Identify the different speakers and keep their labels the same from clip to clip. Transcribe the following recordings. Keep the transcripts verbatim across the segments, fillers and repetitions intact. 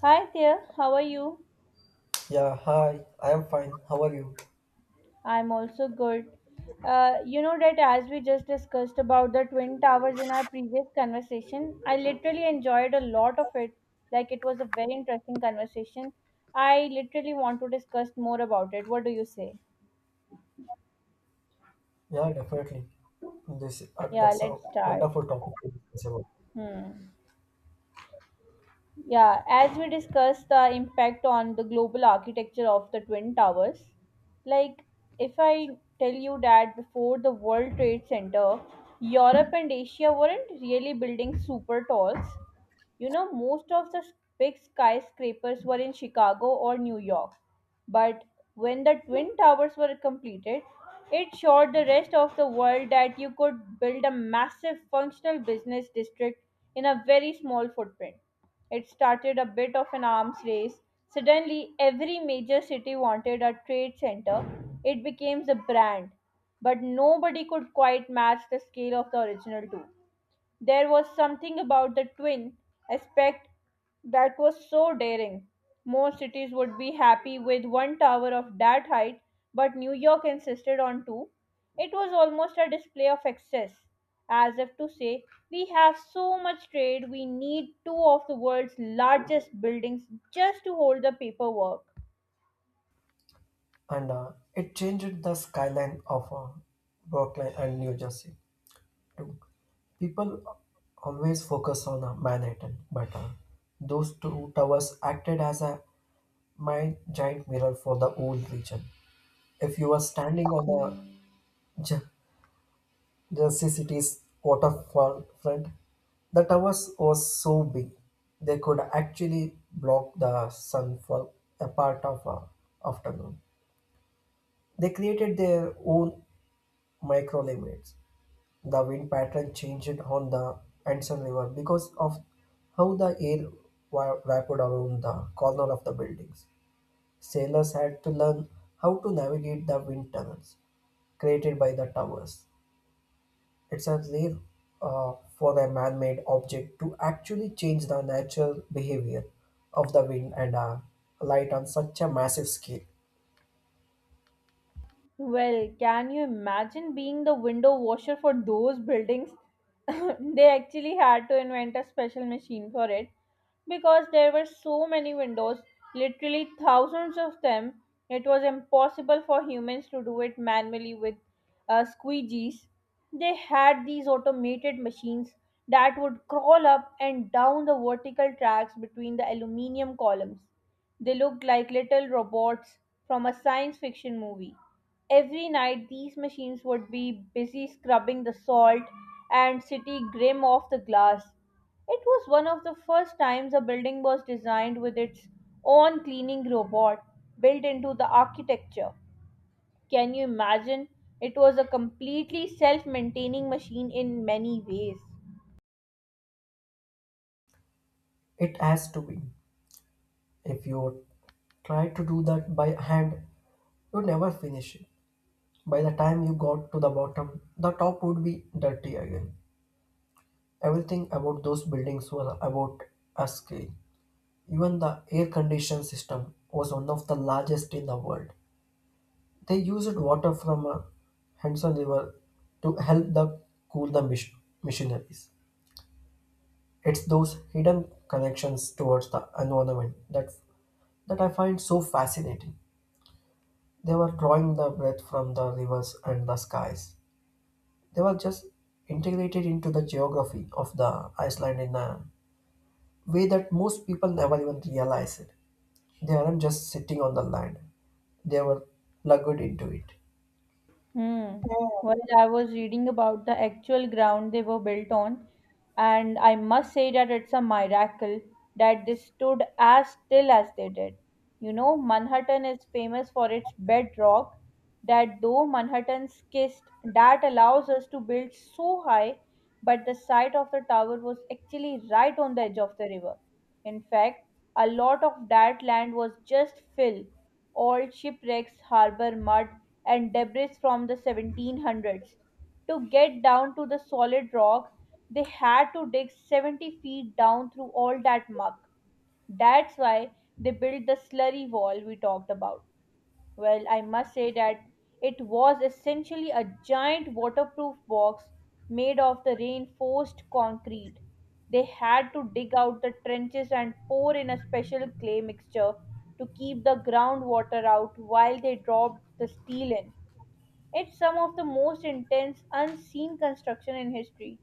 Speaker 1: Hi there, how are you?
Speaker 2: Yeah, hi. I am fine. How are you?
Speaker 1: I'm also good. Uh, you know that as we just discussed about the Twin Towers in our previous conversation, I literally enjoyed a lot of it. Like it was a very interesting conversation. I literally want to discuss more about it. What do you say?
Speaker 2: Yeah, definitely. This uh,
Speaker 1: Yeah,
Speaker 2: that's a
Speaker 1: let's start.
Speaker 2: wonderful topic to discuss about.
Speaker 1: Hmm. Yeah, as we discussed the impact on the global architecture of the Twin Towers, like if I tell you that before the World Trade Center, Europe and Asia weren't really building super talls. You know, most of the big skyscrapers were in Chicago or New York. But when the Twin Towers were completed, it showed the rest of the world that you could build a massive functional business district in a very small footprint. It started a bit of an arms race. Suddenly, every major city wanted a trade center. It became the brand, but nobody could quite match the scale of the original two. There was something about the twin aspect that was so daring. Most cities would be happy with one tower of that height, but New York insisted on two. It was almost a display of excess, as if to say, we have so much trade, we need two of the world's largest buildings just to hold the paperwork.
Speaker 2: And uh, it changed the skyline of uh, Brooklyn and New Jersey too. People always focus on uh, Manhattan, but uh, those two towers acted as a mind giant mirror for the whole region. If you were standing on the J- Jersey City's waterfall waterfront, the towers were so big they could actually block the sun for a part of a afternoon. They created their own microclimates. The wind pattern changed on the Hudson River because of how the air wa- wrapped around the corner of the buildings. Sailors had to learn how to navigate the wind tunnels created by the towers. It's as rare uh, for a man made object to actually change the natural behavior of the wind and uh, light on such a massive scale.
Speaker 1: Well, can you imagine being the window washer for those buildings? They actually had to invent a special machine for it because there were so many windows, literally thousands of them. It was impossible for humans to do it manually with uh, squeegees. They had these automated machines that would crawl up and down the vertical tracks between the aluminium columns. They looked like little robots from a science fiction movie. Every night, these machines would be busy scrubbing the salt and city grim off the glass. It was one of the first times a building was designed with its own cleaning robot built into the architecture. Can you imagine? It was a completely self maintaining machine in many ways.
Speaker 2: It has to be. If you try to do that by hand, you never finish it. By the time you got to the bottom, the top would be dirty again. Everything about those buildings was about a scale. Even the air conditioned system was one of the largest in the world. They used water from a Hudson River to help the cool the mis- missionaries. It's those hidden connections towards the environment that that I find so fascinating. They were drawing the breath from the rivers and the skies. They were just integrated into the geography of the Iceland in a way that most people never even realize it. They aren't just sitting on the land; they were plugged into it.
Speaker 1: Hmm. Well, I was reading about the actual ground they were built on, and I must say that it's a miracle that they stood as still as they did. You know, Manhattan is famous for its bedrock, that though Manhattan's kissed, that allows us to build so high, but the site of the tower was actually right on the edge of the river. In fact, a lot of that land was just fill, old shipwrecks, harbour mud, and debris from the seventeen hundreds. To get down to the solid rock, they had to dig seventy feet down through all that muck. That's why they built the slurry wall we talked about. Well, I must say that it was essentially a giant waterproof box made of the reinforced concrete. They had to dig out the trenches and pour in a special clay mixture to keep the groundwater out while they dropped the steel in. It's some of the most intense unseen construction in history.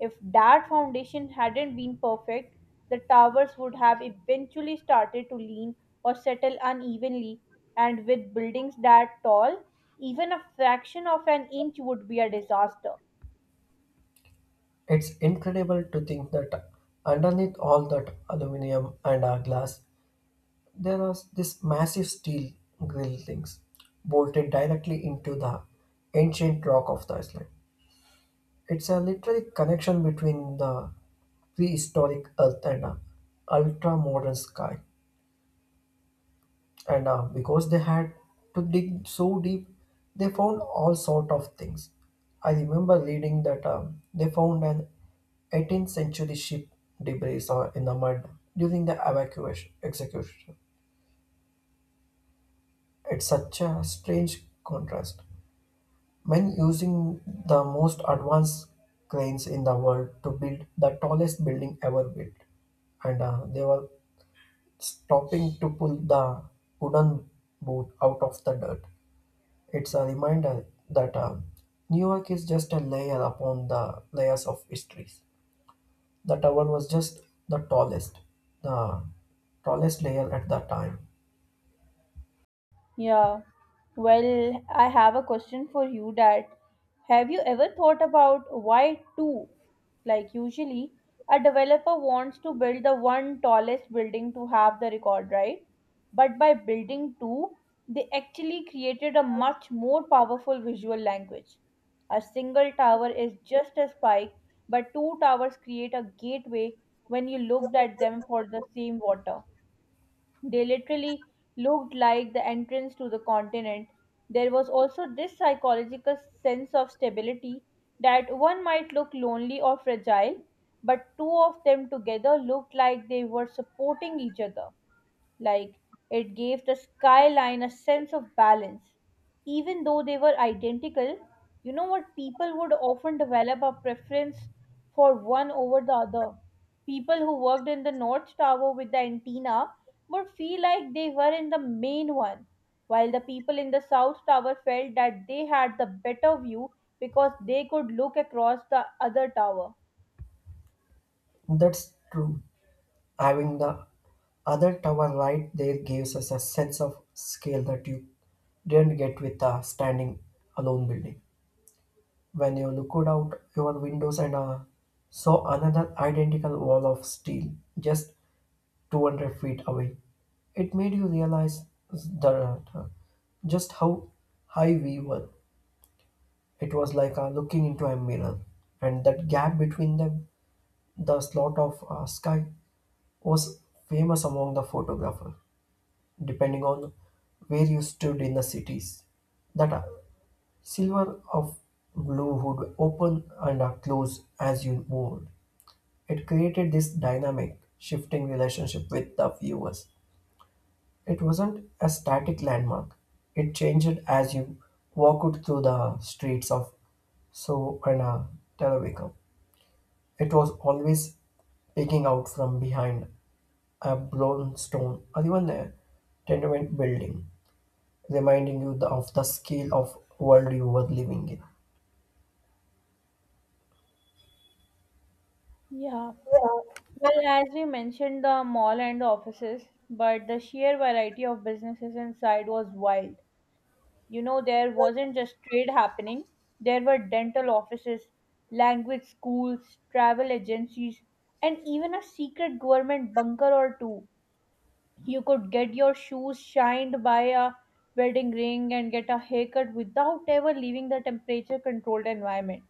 Speaker 1: If that foundation hadn't been perfect, the towers would have eventually started to lean or settle unevenly, and with buildings that tall, even a fraction of an inch would be a disaster.
Speaker 2: It's incredible to think that underneath all that aluminum and uh, glass, there are this massive steel grill things bolted directly into the ancient rock of the Iceland. It's a literally connection between the prehistoric earth and a ultra modern sky. and uh, because they had to dig so deep, they found all sort of things. I remember reading that um, they found an eighteenth century ship debris uh, in the mud during the evacuation execution. It's such a strange contrast, men using the most advanced cranes in the world to build the tallest building ever built, and uh, they were stopping to pull the wooden boat out of the dirt. It's a reminder that uh, New York is just a layer upon the layers of histories. The tower was just the tallest, the tallest layer at the time.
Speaker 1: Yeah. Well, I have a question for you that have you ever thought about why two? Like usually a developer wants to build the one tallest building to have the record, right? But by building two, they actually created a much more powerful visual language. A single tower is just a spike, but two towers create a gateway when you looked at them for the same water. They literally looked like the entrance to the continent. There was also this psychological sense of stability that one might look lonely or fragile, but two of them together looked like they were supporting each other. Like, it gave the skyline a sense of balance. Even though they were identical, you know what? People would often develop a preference for one over the other. People who worked in the North Tower with the antenna would feel like they were in the main one, while the people in the South Tower felt that they had the better view because they could look across the other tower.
Speaker 2: That's true. Having the other tower right there gives us a sense of scale that you didn't get with a standing alone building. When you looked out your windows and uh, saw another identical wall of steel just two hundred feet away. It made you realize the uh, just how high we were. It was like uh, looking into a mirror, and that gap between them, the slot of uh, sky, was famous among the photographer, depending on where you stood in the cities. That uh, silver of blue would open and uh, close as you moved. It created this dynamic, shifting relationship with the viewers. It wasn't a static landmark, it changed as you walked through the streets of so and uh, Televico. It was always peeking out from behind a blown stone or even a tenement building, reminding you the- of the scale of world you were living in.
Speaker 1: Yeah. Well, as we mentioned, the mall and the offices, but the sheer variety of businesses inside was wild. You know, there wasn't just trade happening, there were dental offices, language schools, travel agencies, and even a secret government bunker or two. You could get your shoes shined by a wedding ring and get a haircut without ever leaving the temperature controlled environment.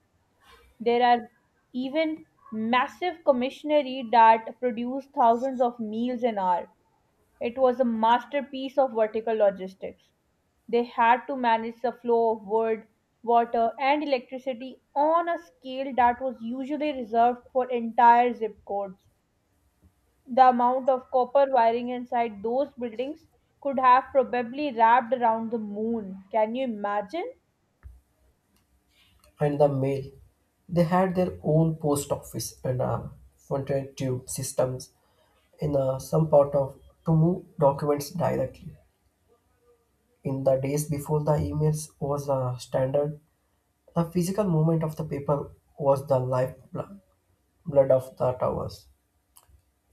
Speaker 1: There are even massive commissionery that produced thousands of meals an hour. It was a masterpiece of vertical logistics. They had to manage the flow of wood, water, and electricity on a scale that was usually reserved for entire zip codes. The amount of copper wiring inside those buildings could have probably wrapped around the moon. Can you imagine?
Speaker 2: And the mail, they had their own post office and uh, front tube systems in uh, some part of to move documents directly. In the days before the emails was the standard, the physical movement of the paper was the lifeblood blood of the towers.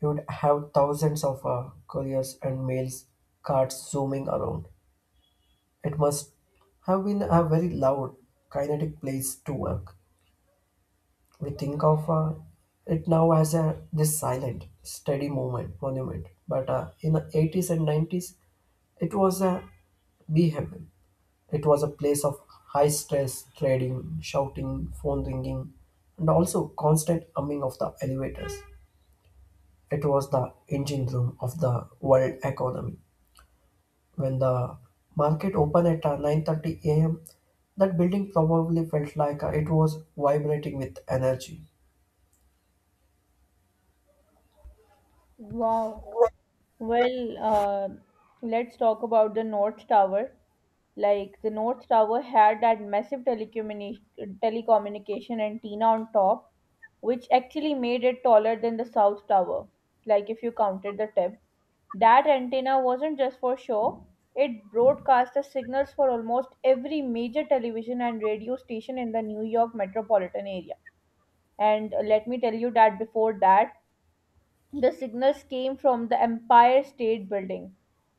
Speaker 2: You would have thousands of uh, couriers and mails carts zooming around. It must have been a very loud, kinetic place to work. We think of uh, it now as a this silent, steady movement monument, but uh, in the eighties and nineties, it was a behemoth. It was a place of high stress, trading, shouting, phone ringing, and also constant humming of the elevators. It was the engine room of the world economy. When the market opened at uh, nine thirty a m, that building probably felt like uh, it was vibrating with energy.
Speaker 1: Wow. Well, uh, let's talk about the North Tower. Like the North Tower had that massive telecommuni- telecommunication antenna on top, which actually made it taller than the South Tower. Like if you counted the tip, that antenna wasn't just for show; it broadcast the signals for almost every major television and radio station in the New York metropolitan area. And uh, let me tell you that before that the signals came from the Empire State Building,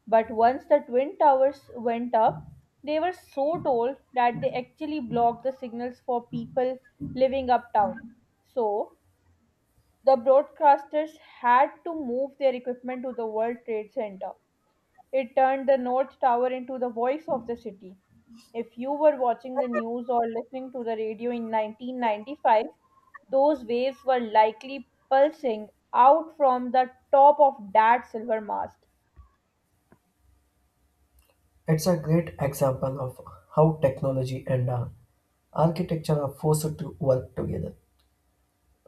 Speaker 1: but once the Twin Towers went up, they were so tall that they actually blocked the signals for people living uptown. So, the broadcasters had to move their equipment to the World Trade Center. It turned the North Tower into the voice of the city. If you were watching the news or listening to the radio in nineteen ninety-five, those waves were likely pulsing out from the top of that silver mast.
Speaker 2: It's a great example of how technology and uh, architecture are forced to work together.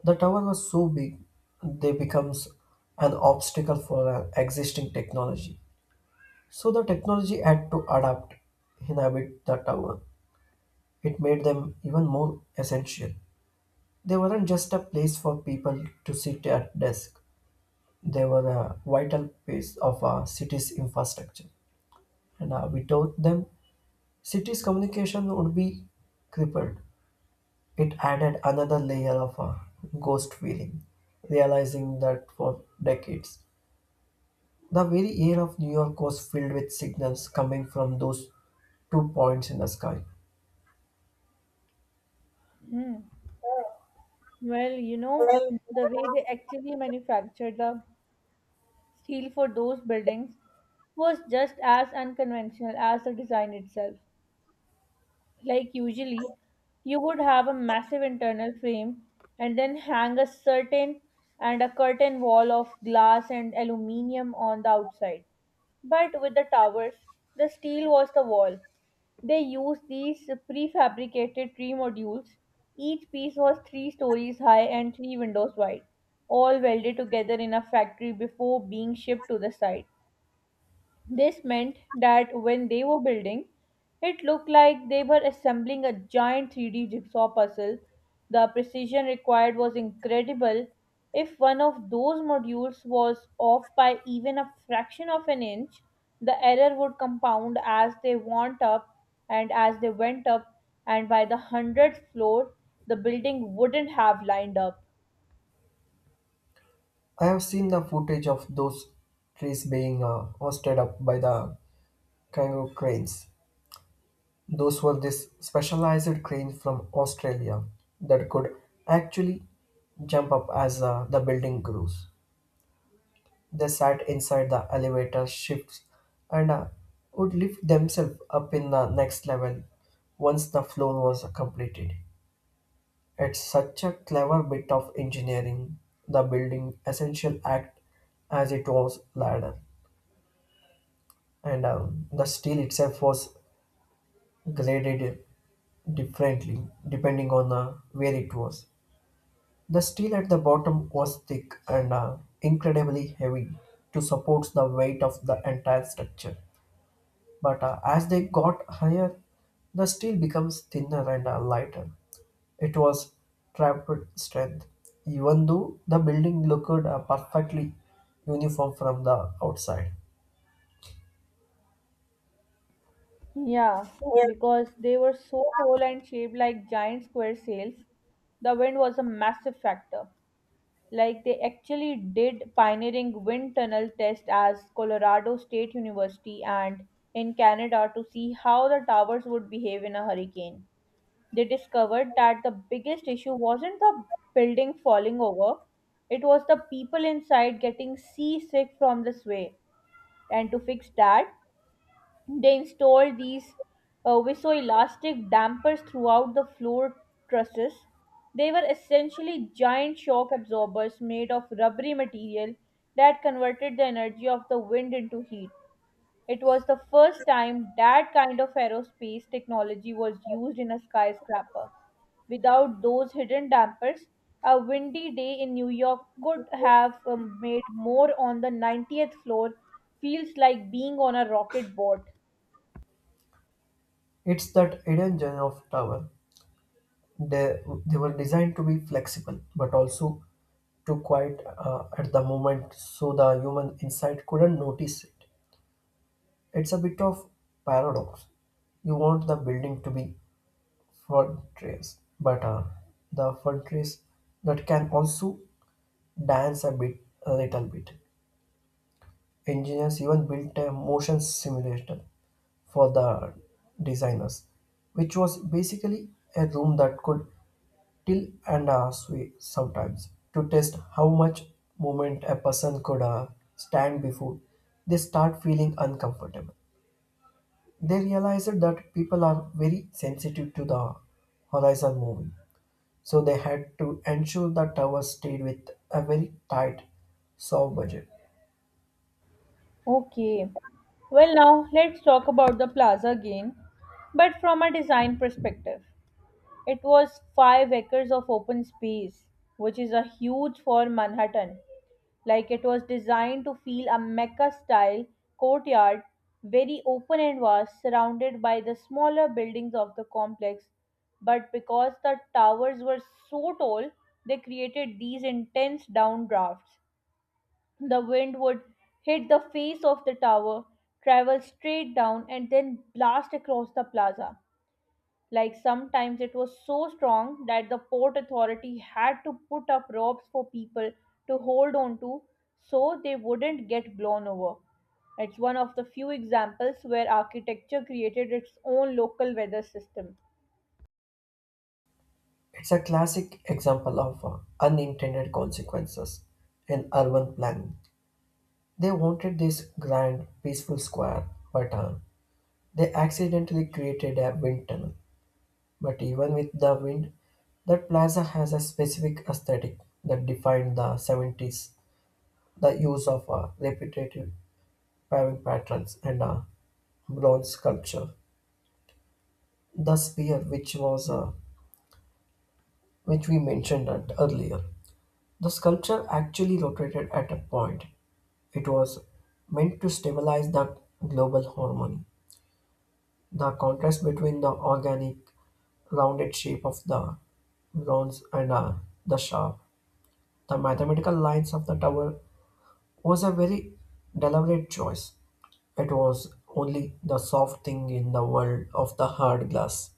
Speaker 2: The tower was so big they becomes an obstacle for an existing technology. So the technology had to adapt, inhabit the tower. It made them even more essential. They weren't just a place for people to sit at desk. They were a vital piece of a city's infrastructure. And uh, without them, city's communication would be crippled. It added another layer of a ghost feeling, realizing that for decades the very air of New York was filled with signals coming from those two points in the sky.
Speaker 1: Hmm. Well, you know, the way they actually manufactured the steel for those buildings was just as unconventional as the design itself. Like usually you would have a massive internal frame and then hang a certain and a curtain wall of glass and aluminium on the outside, but with the towers the steel was the wall. They used these prefabricated tree modules. Each piece was three stories high and three windows wide, all welded together in a factory before being shipped to the site. This meant that when they were building, it looked like they were assembling a giant three D jigsaw puzzle. The precision required was incredible. If one of those modules was off by even a fraction of an inch, the error would compound as they went up and as they went up, and by the hundredth floor, the building wouldn't have lined up.
Speaker 2: I have seen the footage of those trees being uh, hoisted up by the kangaroo cranes. Those were these specialized cranes from Australia that could actually jump up as uh, the building grows. They sat inside the elevator shifts and uh, would lift themselves up in the next level once the floor was completed. It's such a clever bit of engineering, the building essential act as it was ladder, and um, the steel itself was graded differently depending on uh, where it was. The steel at the bottom was thick and uh, incredibly heavy to support the weight of the entire structure. But uh, as they got higher, the steel becomes thinner and uh, lighter. It was trapped strength, even though the building looked uh, perfectly uniform from the outside.
Speaker 1: Yeah, because they were so tall and shaped like giant square sails, the wind was a massive factor. Like they actually did pioneering wind tunnel test as Colorado State University and in Canada to see how the towers would behave in a hurricane. They discovered that the biggest issue wasn't the building falling over, it was the people inside getting seasick from the sway. And to fix that, they installed these uh, viscoelastic dampers throughout the floor trusses. They were essentially giant shock absorbers made of rubbery material that converted the energy of the wind into heat. It was the first time that kind of aerospace technology was used in a skyscraper. Without those hidden dampers, a windy day in New York could have um, made more on the ninetieth floor feels like being on a rocket boat.
Speaker 2: It's that hidden gem of tower. They, they were designed to be flexible, but also too quiet uh, at the moment, so the human inside couldn't notice it. It's a bit of paradox. You want the building to be Fortress, but uh, the fortress that can also dance a bit, a little bit. Engineers even built a motion simulator for the designers, which was basically a room that could tilt and uh, sway sometimes to test how much movement a person could uh, stand before they start feeling uncomfortable. They realized that people are very sensitive to the horizon moving. So they had to ensure the tower stayed with a very tight, soft budget.
Speaker 1: Okay. Well, now let's talk about the plaza again, but from a design perspective. It was five acres of open space, which is a huge for Manhattan. Like it was designed to feel a Mecca style courtyard, very open and vast, surrounded by the smaller buildings of the complex. But because the towers were so tall, they created these intense downdrafts. The wind would hit the face of the tower, travel straight down, and then blast across the plaza. Like sometimes it was so strong that the port authority had to put up ropes for people to hold on to so they wouldn't get blown over. It's one of the few examples where architecture created its own local weather system.
Speaker 2: It's a classic example of uh, unintended consequences in urban planning. They wanted this grand, peaceful square, but uh, they accidentally created a wind tunnel. But even with the wind, that plaza has a specific aesthetic that defined the seventies. The use of uh, repetitive paving patterns and uh, bronze sculpture. The sphere, which was uh, which we mentioned at earlier. The sculpture actually rotated at a point. It was meant to stabilize the global harmony. The contrast between the organic, rounded shape of the bronze and uh, the sharp, the mathematical lines of the tower was a very deliberate choice. It was only the soft thing in the world of the hard glass.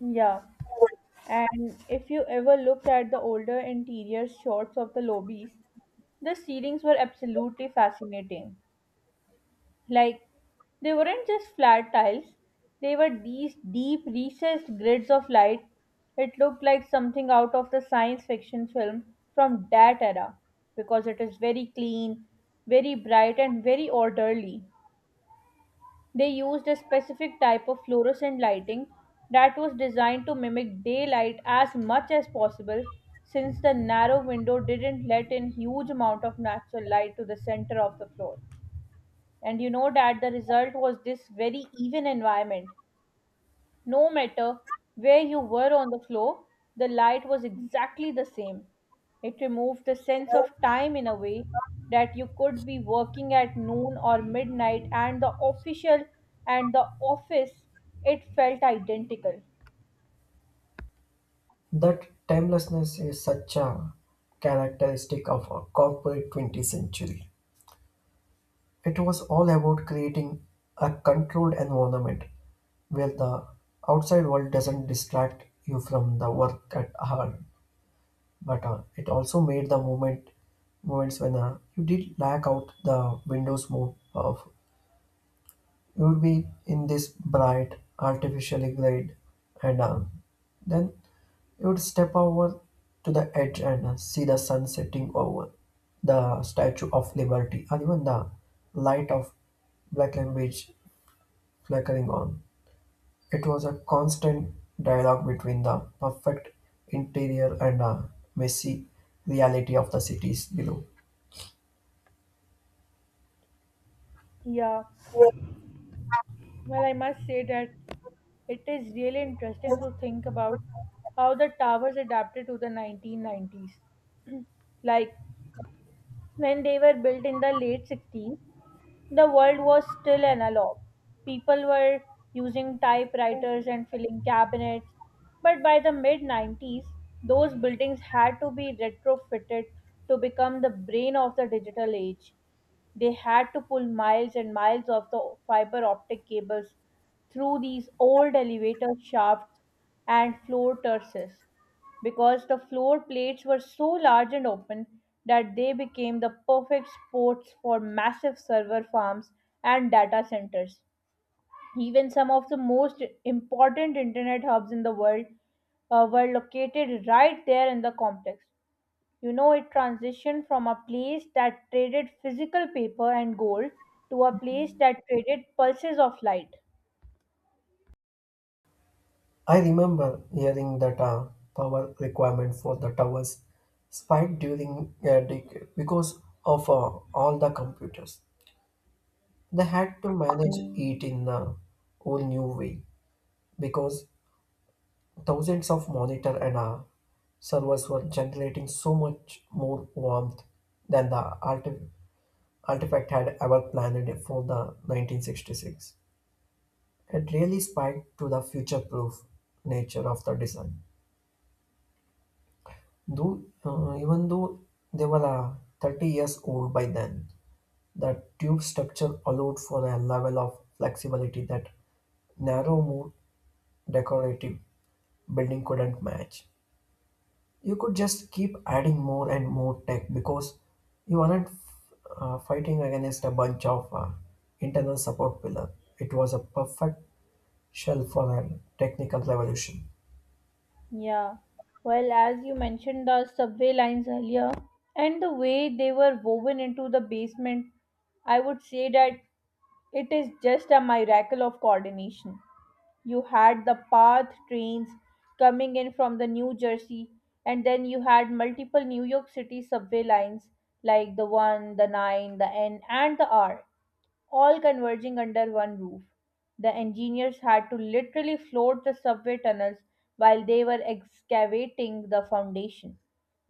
Speaker 1: Yeah, and if you ever looked at the older interior shots of the lobbies, the ceilings were absolutely fascinating. Like, they weren't just flat tiles, they were these deep, recessed grids of light. It looked like something out of the science fiction film from that era because it is very clean, very bright, and very orderly. They used a specific type of fluorescent lighting that was designed to mimic daylight as much as possible since the narrow window didn't let in huge amount of natural light to the center of the floor. And you know that the result was this very even environment no matter where you were on the floor, the light was exactly the same. It removed the sense of time in a way that you could be working at noon or midnight, and the official and the office, it felt identical.
Speaker 2: That timelessness is such a characteristic of a corporate twentieth century. It was all about creating a controlled environment where the outside world doesn't distract you from the work at hand. But uh, it also made the moment moments when uh, you did lack out the windows more powerful. You would be in this bright, artificially great, and uh, then you would step over to the edge and uh, see the sun setting over the Statue of Liberty, or even the light of Black Beach flickering on. It was a constant dialogue between the perfect interior and a messy reality of the cities below.
Speaker 1: Yeah, well, I must say that it is really interesting to think about how the towers adapted to the nineteen nineties. Like when they were built in the late sixties, the world was still analog. People were using typewriters and filling cabinets. But by the mid nineties, those buildings had to be retrofitted to become the brain of the digital age. They had to pull miles and miles of the fiber optic cables through these old elevator shafts and floor terraces because the floor plates were so large and open that they became the perfect spots for massive server farms and data centers. Even some of the most important internet hubs in the world uh, were located right there in the complex. You know, it transitioned from a place that traded physical paper and gold to a place that traded pulses of light.
Speaker 2: I remember hearing that uh, power requirement for the towers spiked during a decade because of uh, all the computers. They had to manage it in a whole new way because thousands of monitor and uh, servers were generating so much more warmth than the alter- Artifact had ever planned for the nineteen sixty-six. It really spiked to the future-proof nature of the design. Though, uh, even though they were uh, thirty years old by then, the tube structure allowed for a level of flexibility that narrow, more decorative building couldn't match. You could just keep adding more and more tech because you aren't uh, fighting against a bunch of uh, internal support pillar. It was a perfect shell for a technical revolution.
Speaker 1: Yeah. Well, as you mentioned the subway lines earlier and the way they were woven into the basement, I would say that it is just a miracle of coordination. You had the path trains coming in from the New Jersey, and then you had multiple New York City subway lines like the one, the nine, the N, and the R, all converging under one roof. The engineers had to literally float the subway tunnels while they were excavating the foundation.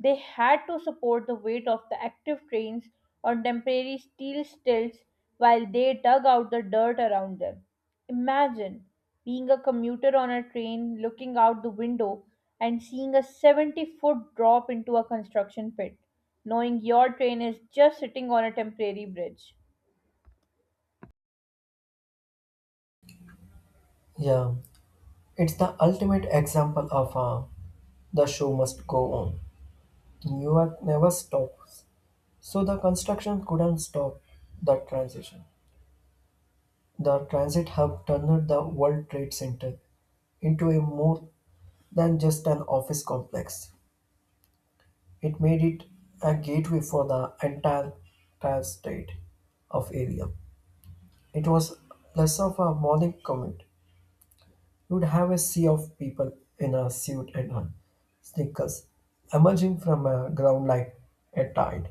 Speaker 1: They had to support the weight of the active trains on temporary steel stilts while they dug out the dirt around them. Imagine being a commuter on a train, looking out the window and seeing a seventy foot drop into a construction pit, knowing your train is just sitting on a temporary bridge.
Speaker 2: Yeah, it's the ultimate example of uh, the show must go on. New York never stops. So the construction couldn't stop the transition. The transit hub turned the World Trade Center into a more than just an office complex. It made it a gateway for the entire, entire state of area. It was less of a morning commute. You'd have a sea of people in a suit and a sneakers emerging from a ground like a tide.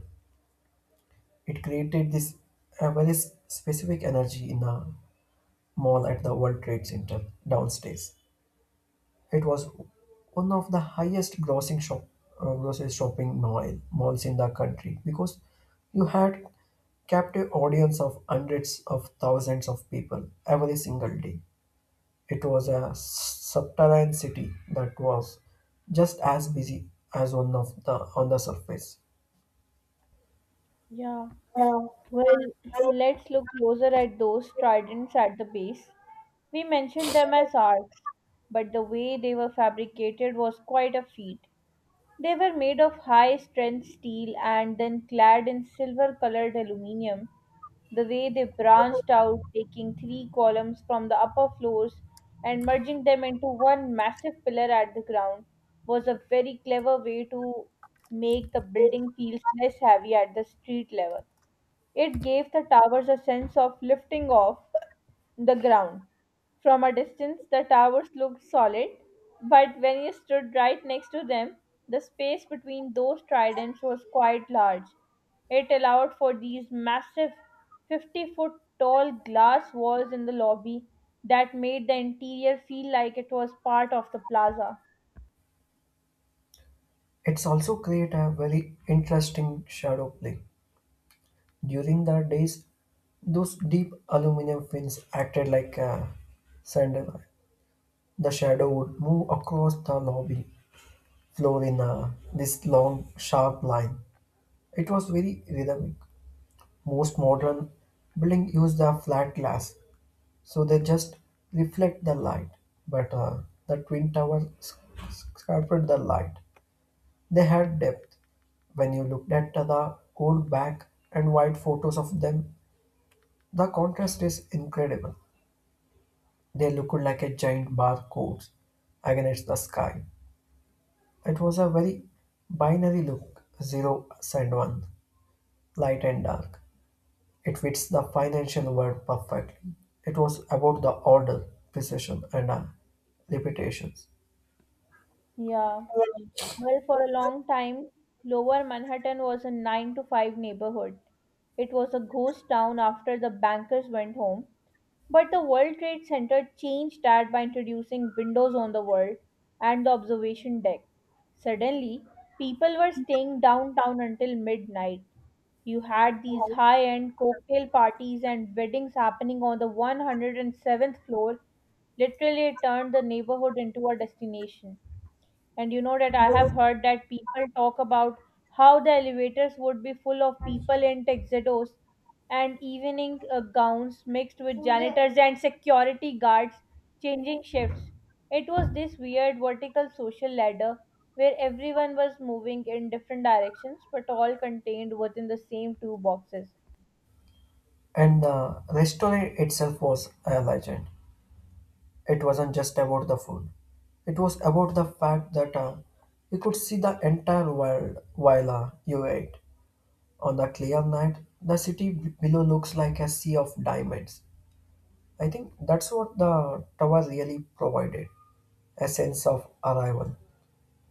Speaker 2: It created this a very s- specific energy in a mall at the World Trade Center downstairs. It was one of the highest grossing shop uh, grocery shopping mall, malls in the country because you had captive audience of hundreds of thousands of people every single day. It was a subterranean city that was just as busy as one of the on the surface.
Speaker 1: Yeah. Well, let's look closer at those tridents at the base. We mentioned them as arcs, but the way they were fabricated was quite a feat. They were made of high strength steel and then clad in silver colored aluminium. The way they branched out, taking three columns from the upper floors and merging them into one massive pillar at the ground, was a very clever way to make the building feel less heavy at the street level. It gave the towers a sense of lifting off the ground. From a distance, the towers looked solid, but when you stood right next to them, the space between those tridents was quite large. It allowed for these massive fifty foot tall glass walls in the lobby that made the interior feel like it was part of the plaza.
Speaker 2: It's also create a very interesting shadow play. During the days, those deep aluminum fins acted like a sandal. The shadow would move across the lobby floor in a, this long, sharp line. It was very rhythmic. Most modern buildings use the flat glass, so they just reflect the light. But uh, the twin towers sc- sc- sculpted the light. They had depth. When you looked at the old black and white photos of them, the contrast is incredible. They look like a giant barcodes against the sky. It was a very binary look, zero and one, light and dark. It fits the financial word perfectly. It was about the order, precision, and uh, reputations.
Speaker 1: Yeah. Well, for a long time, Lower Manhattan was a nine to five neighborhood. It was a ghost town after the bankers went home. But the World Trade Center changed that by introducing windows on the world and the observation deck. Suddenly, people were staying downtown until midnight. You had these high end cocktail parties and weddings happening on the one hundred seventh floor. Literally, it turned the neighborhood into a destination. And you know that I have heard that people talk about how the elevators would be full of people in tuxedos and evening uh, gowns, mixed with janitors and security guards changing shifts. It was this weird vertical social ladder where everyone was moving in different directions but all contained within the same two boxes.
Speaker 2: And the restaurant itself was a legend. It wasn't just about the food. It was about the fact that uh, you could see the entire world while uh, you ate. On a clear night, the city b- below looks like a sea of diamonds. I think that's what the tower really provided a sense of arrival.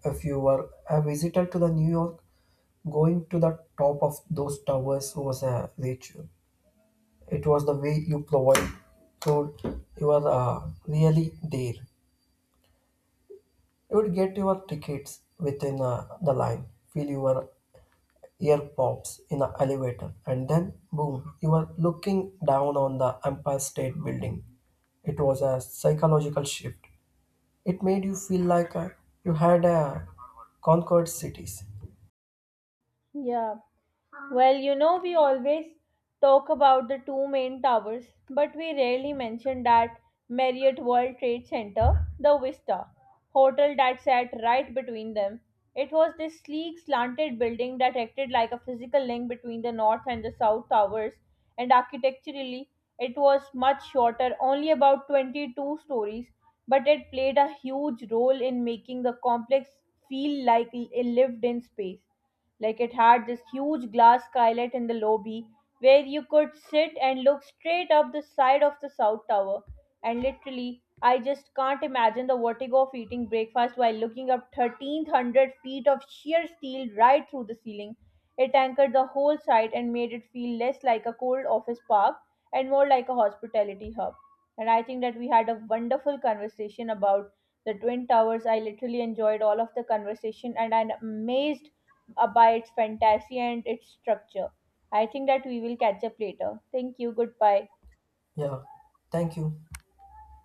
Speaker 2: If you were a visitor to the New York, going to the top of those towers was a ritual. It was the way you provide told you were uh, really there. You would get your tickets within uh, the line, feel your ear pops in the elevator, and then boom, you were looking down on the Empire State Building. It was a psychological shift. It made you feel like uh, you had uh, conquered cities.
Speaker 1: Yeah. Well, you know, we always talk about the two main towers, but we rarely mention that Marriott World Trade Center, the Vista, hotel that sat right between them. It was this sleek, slanted building that acted like a physical link between the north and the south towers, and architecturally, it was much shorter, only about twenty-two stories, but it played a huge role in making the complex feel like a lived in space. Like, it had this huge glass skylight in the lobby where you could sit and look straight up the side of the South Tower. And literally, I just can't imagine the vertigo of eating breakfast while looking up thirteen hundred feet of sheer steel right through the ceiling. It anchored the whole site and made it feel less like a cold office park and more like a hospitality hub. And I think that we had a wonderful conversation about the Twin Towers. I literally enjoyed all of the conversation, and I'm amazed uh, by its fantasy and its structure. I think that we will catch up later. Thank you. Goodbye.
Speaker 2: Yeah, thank you.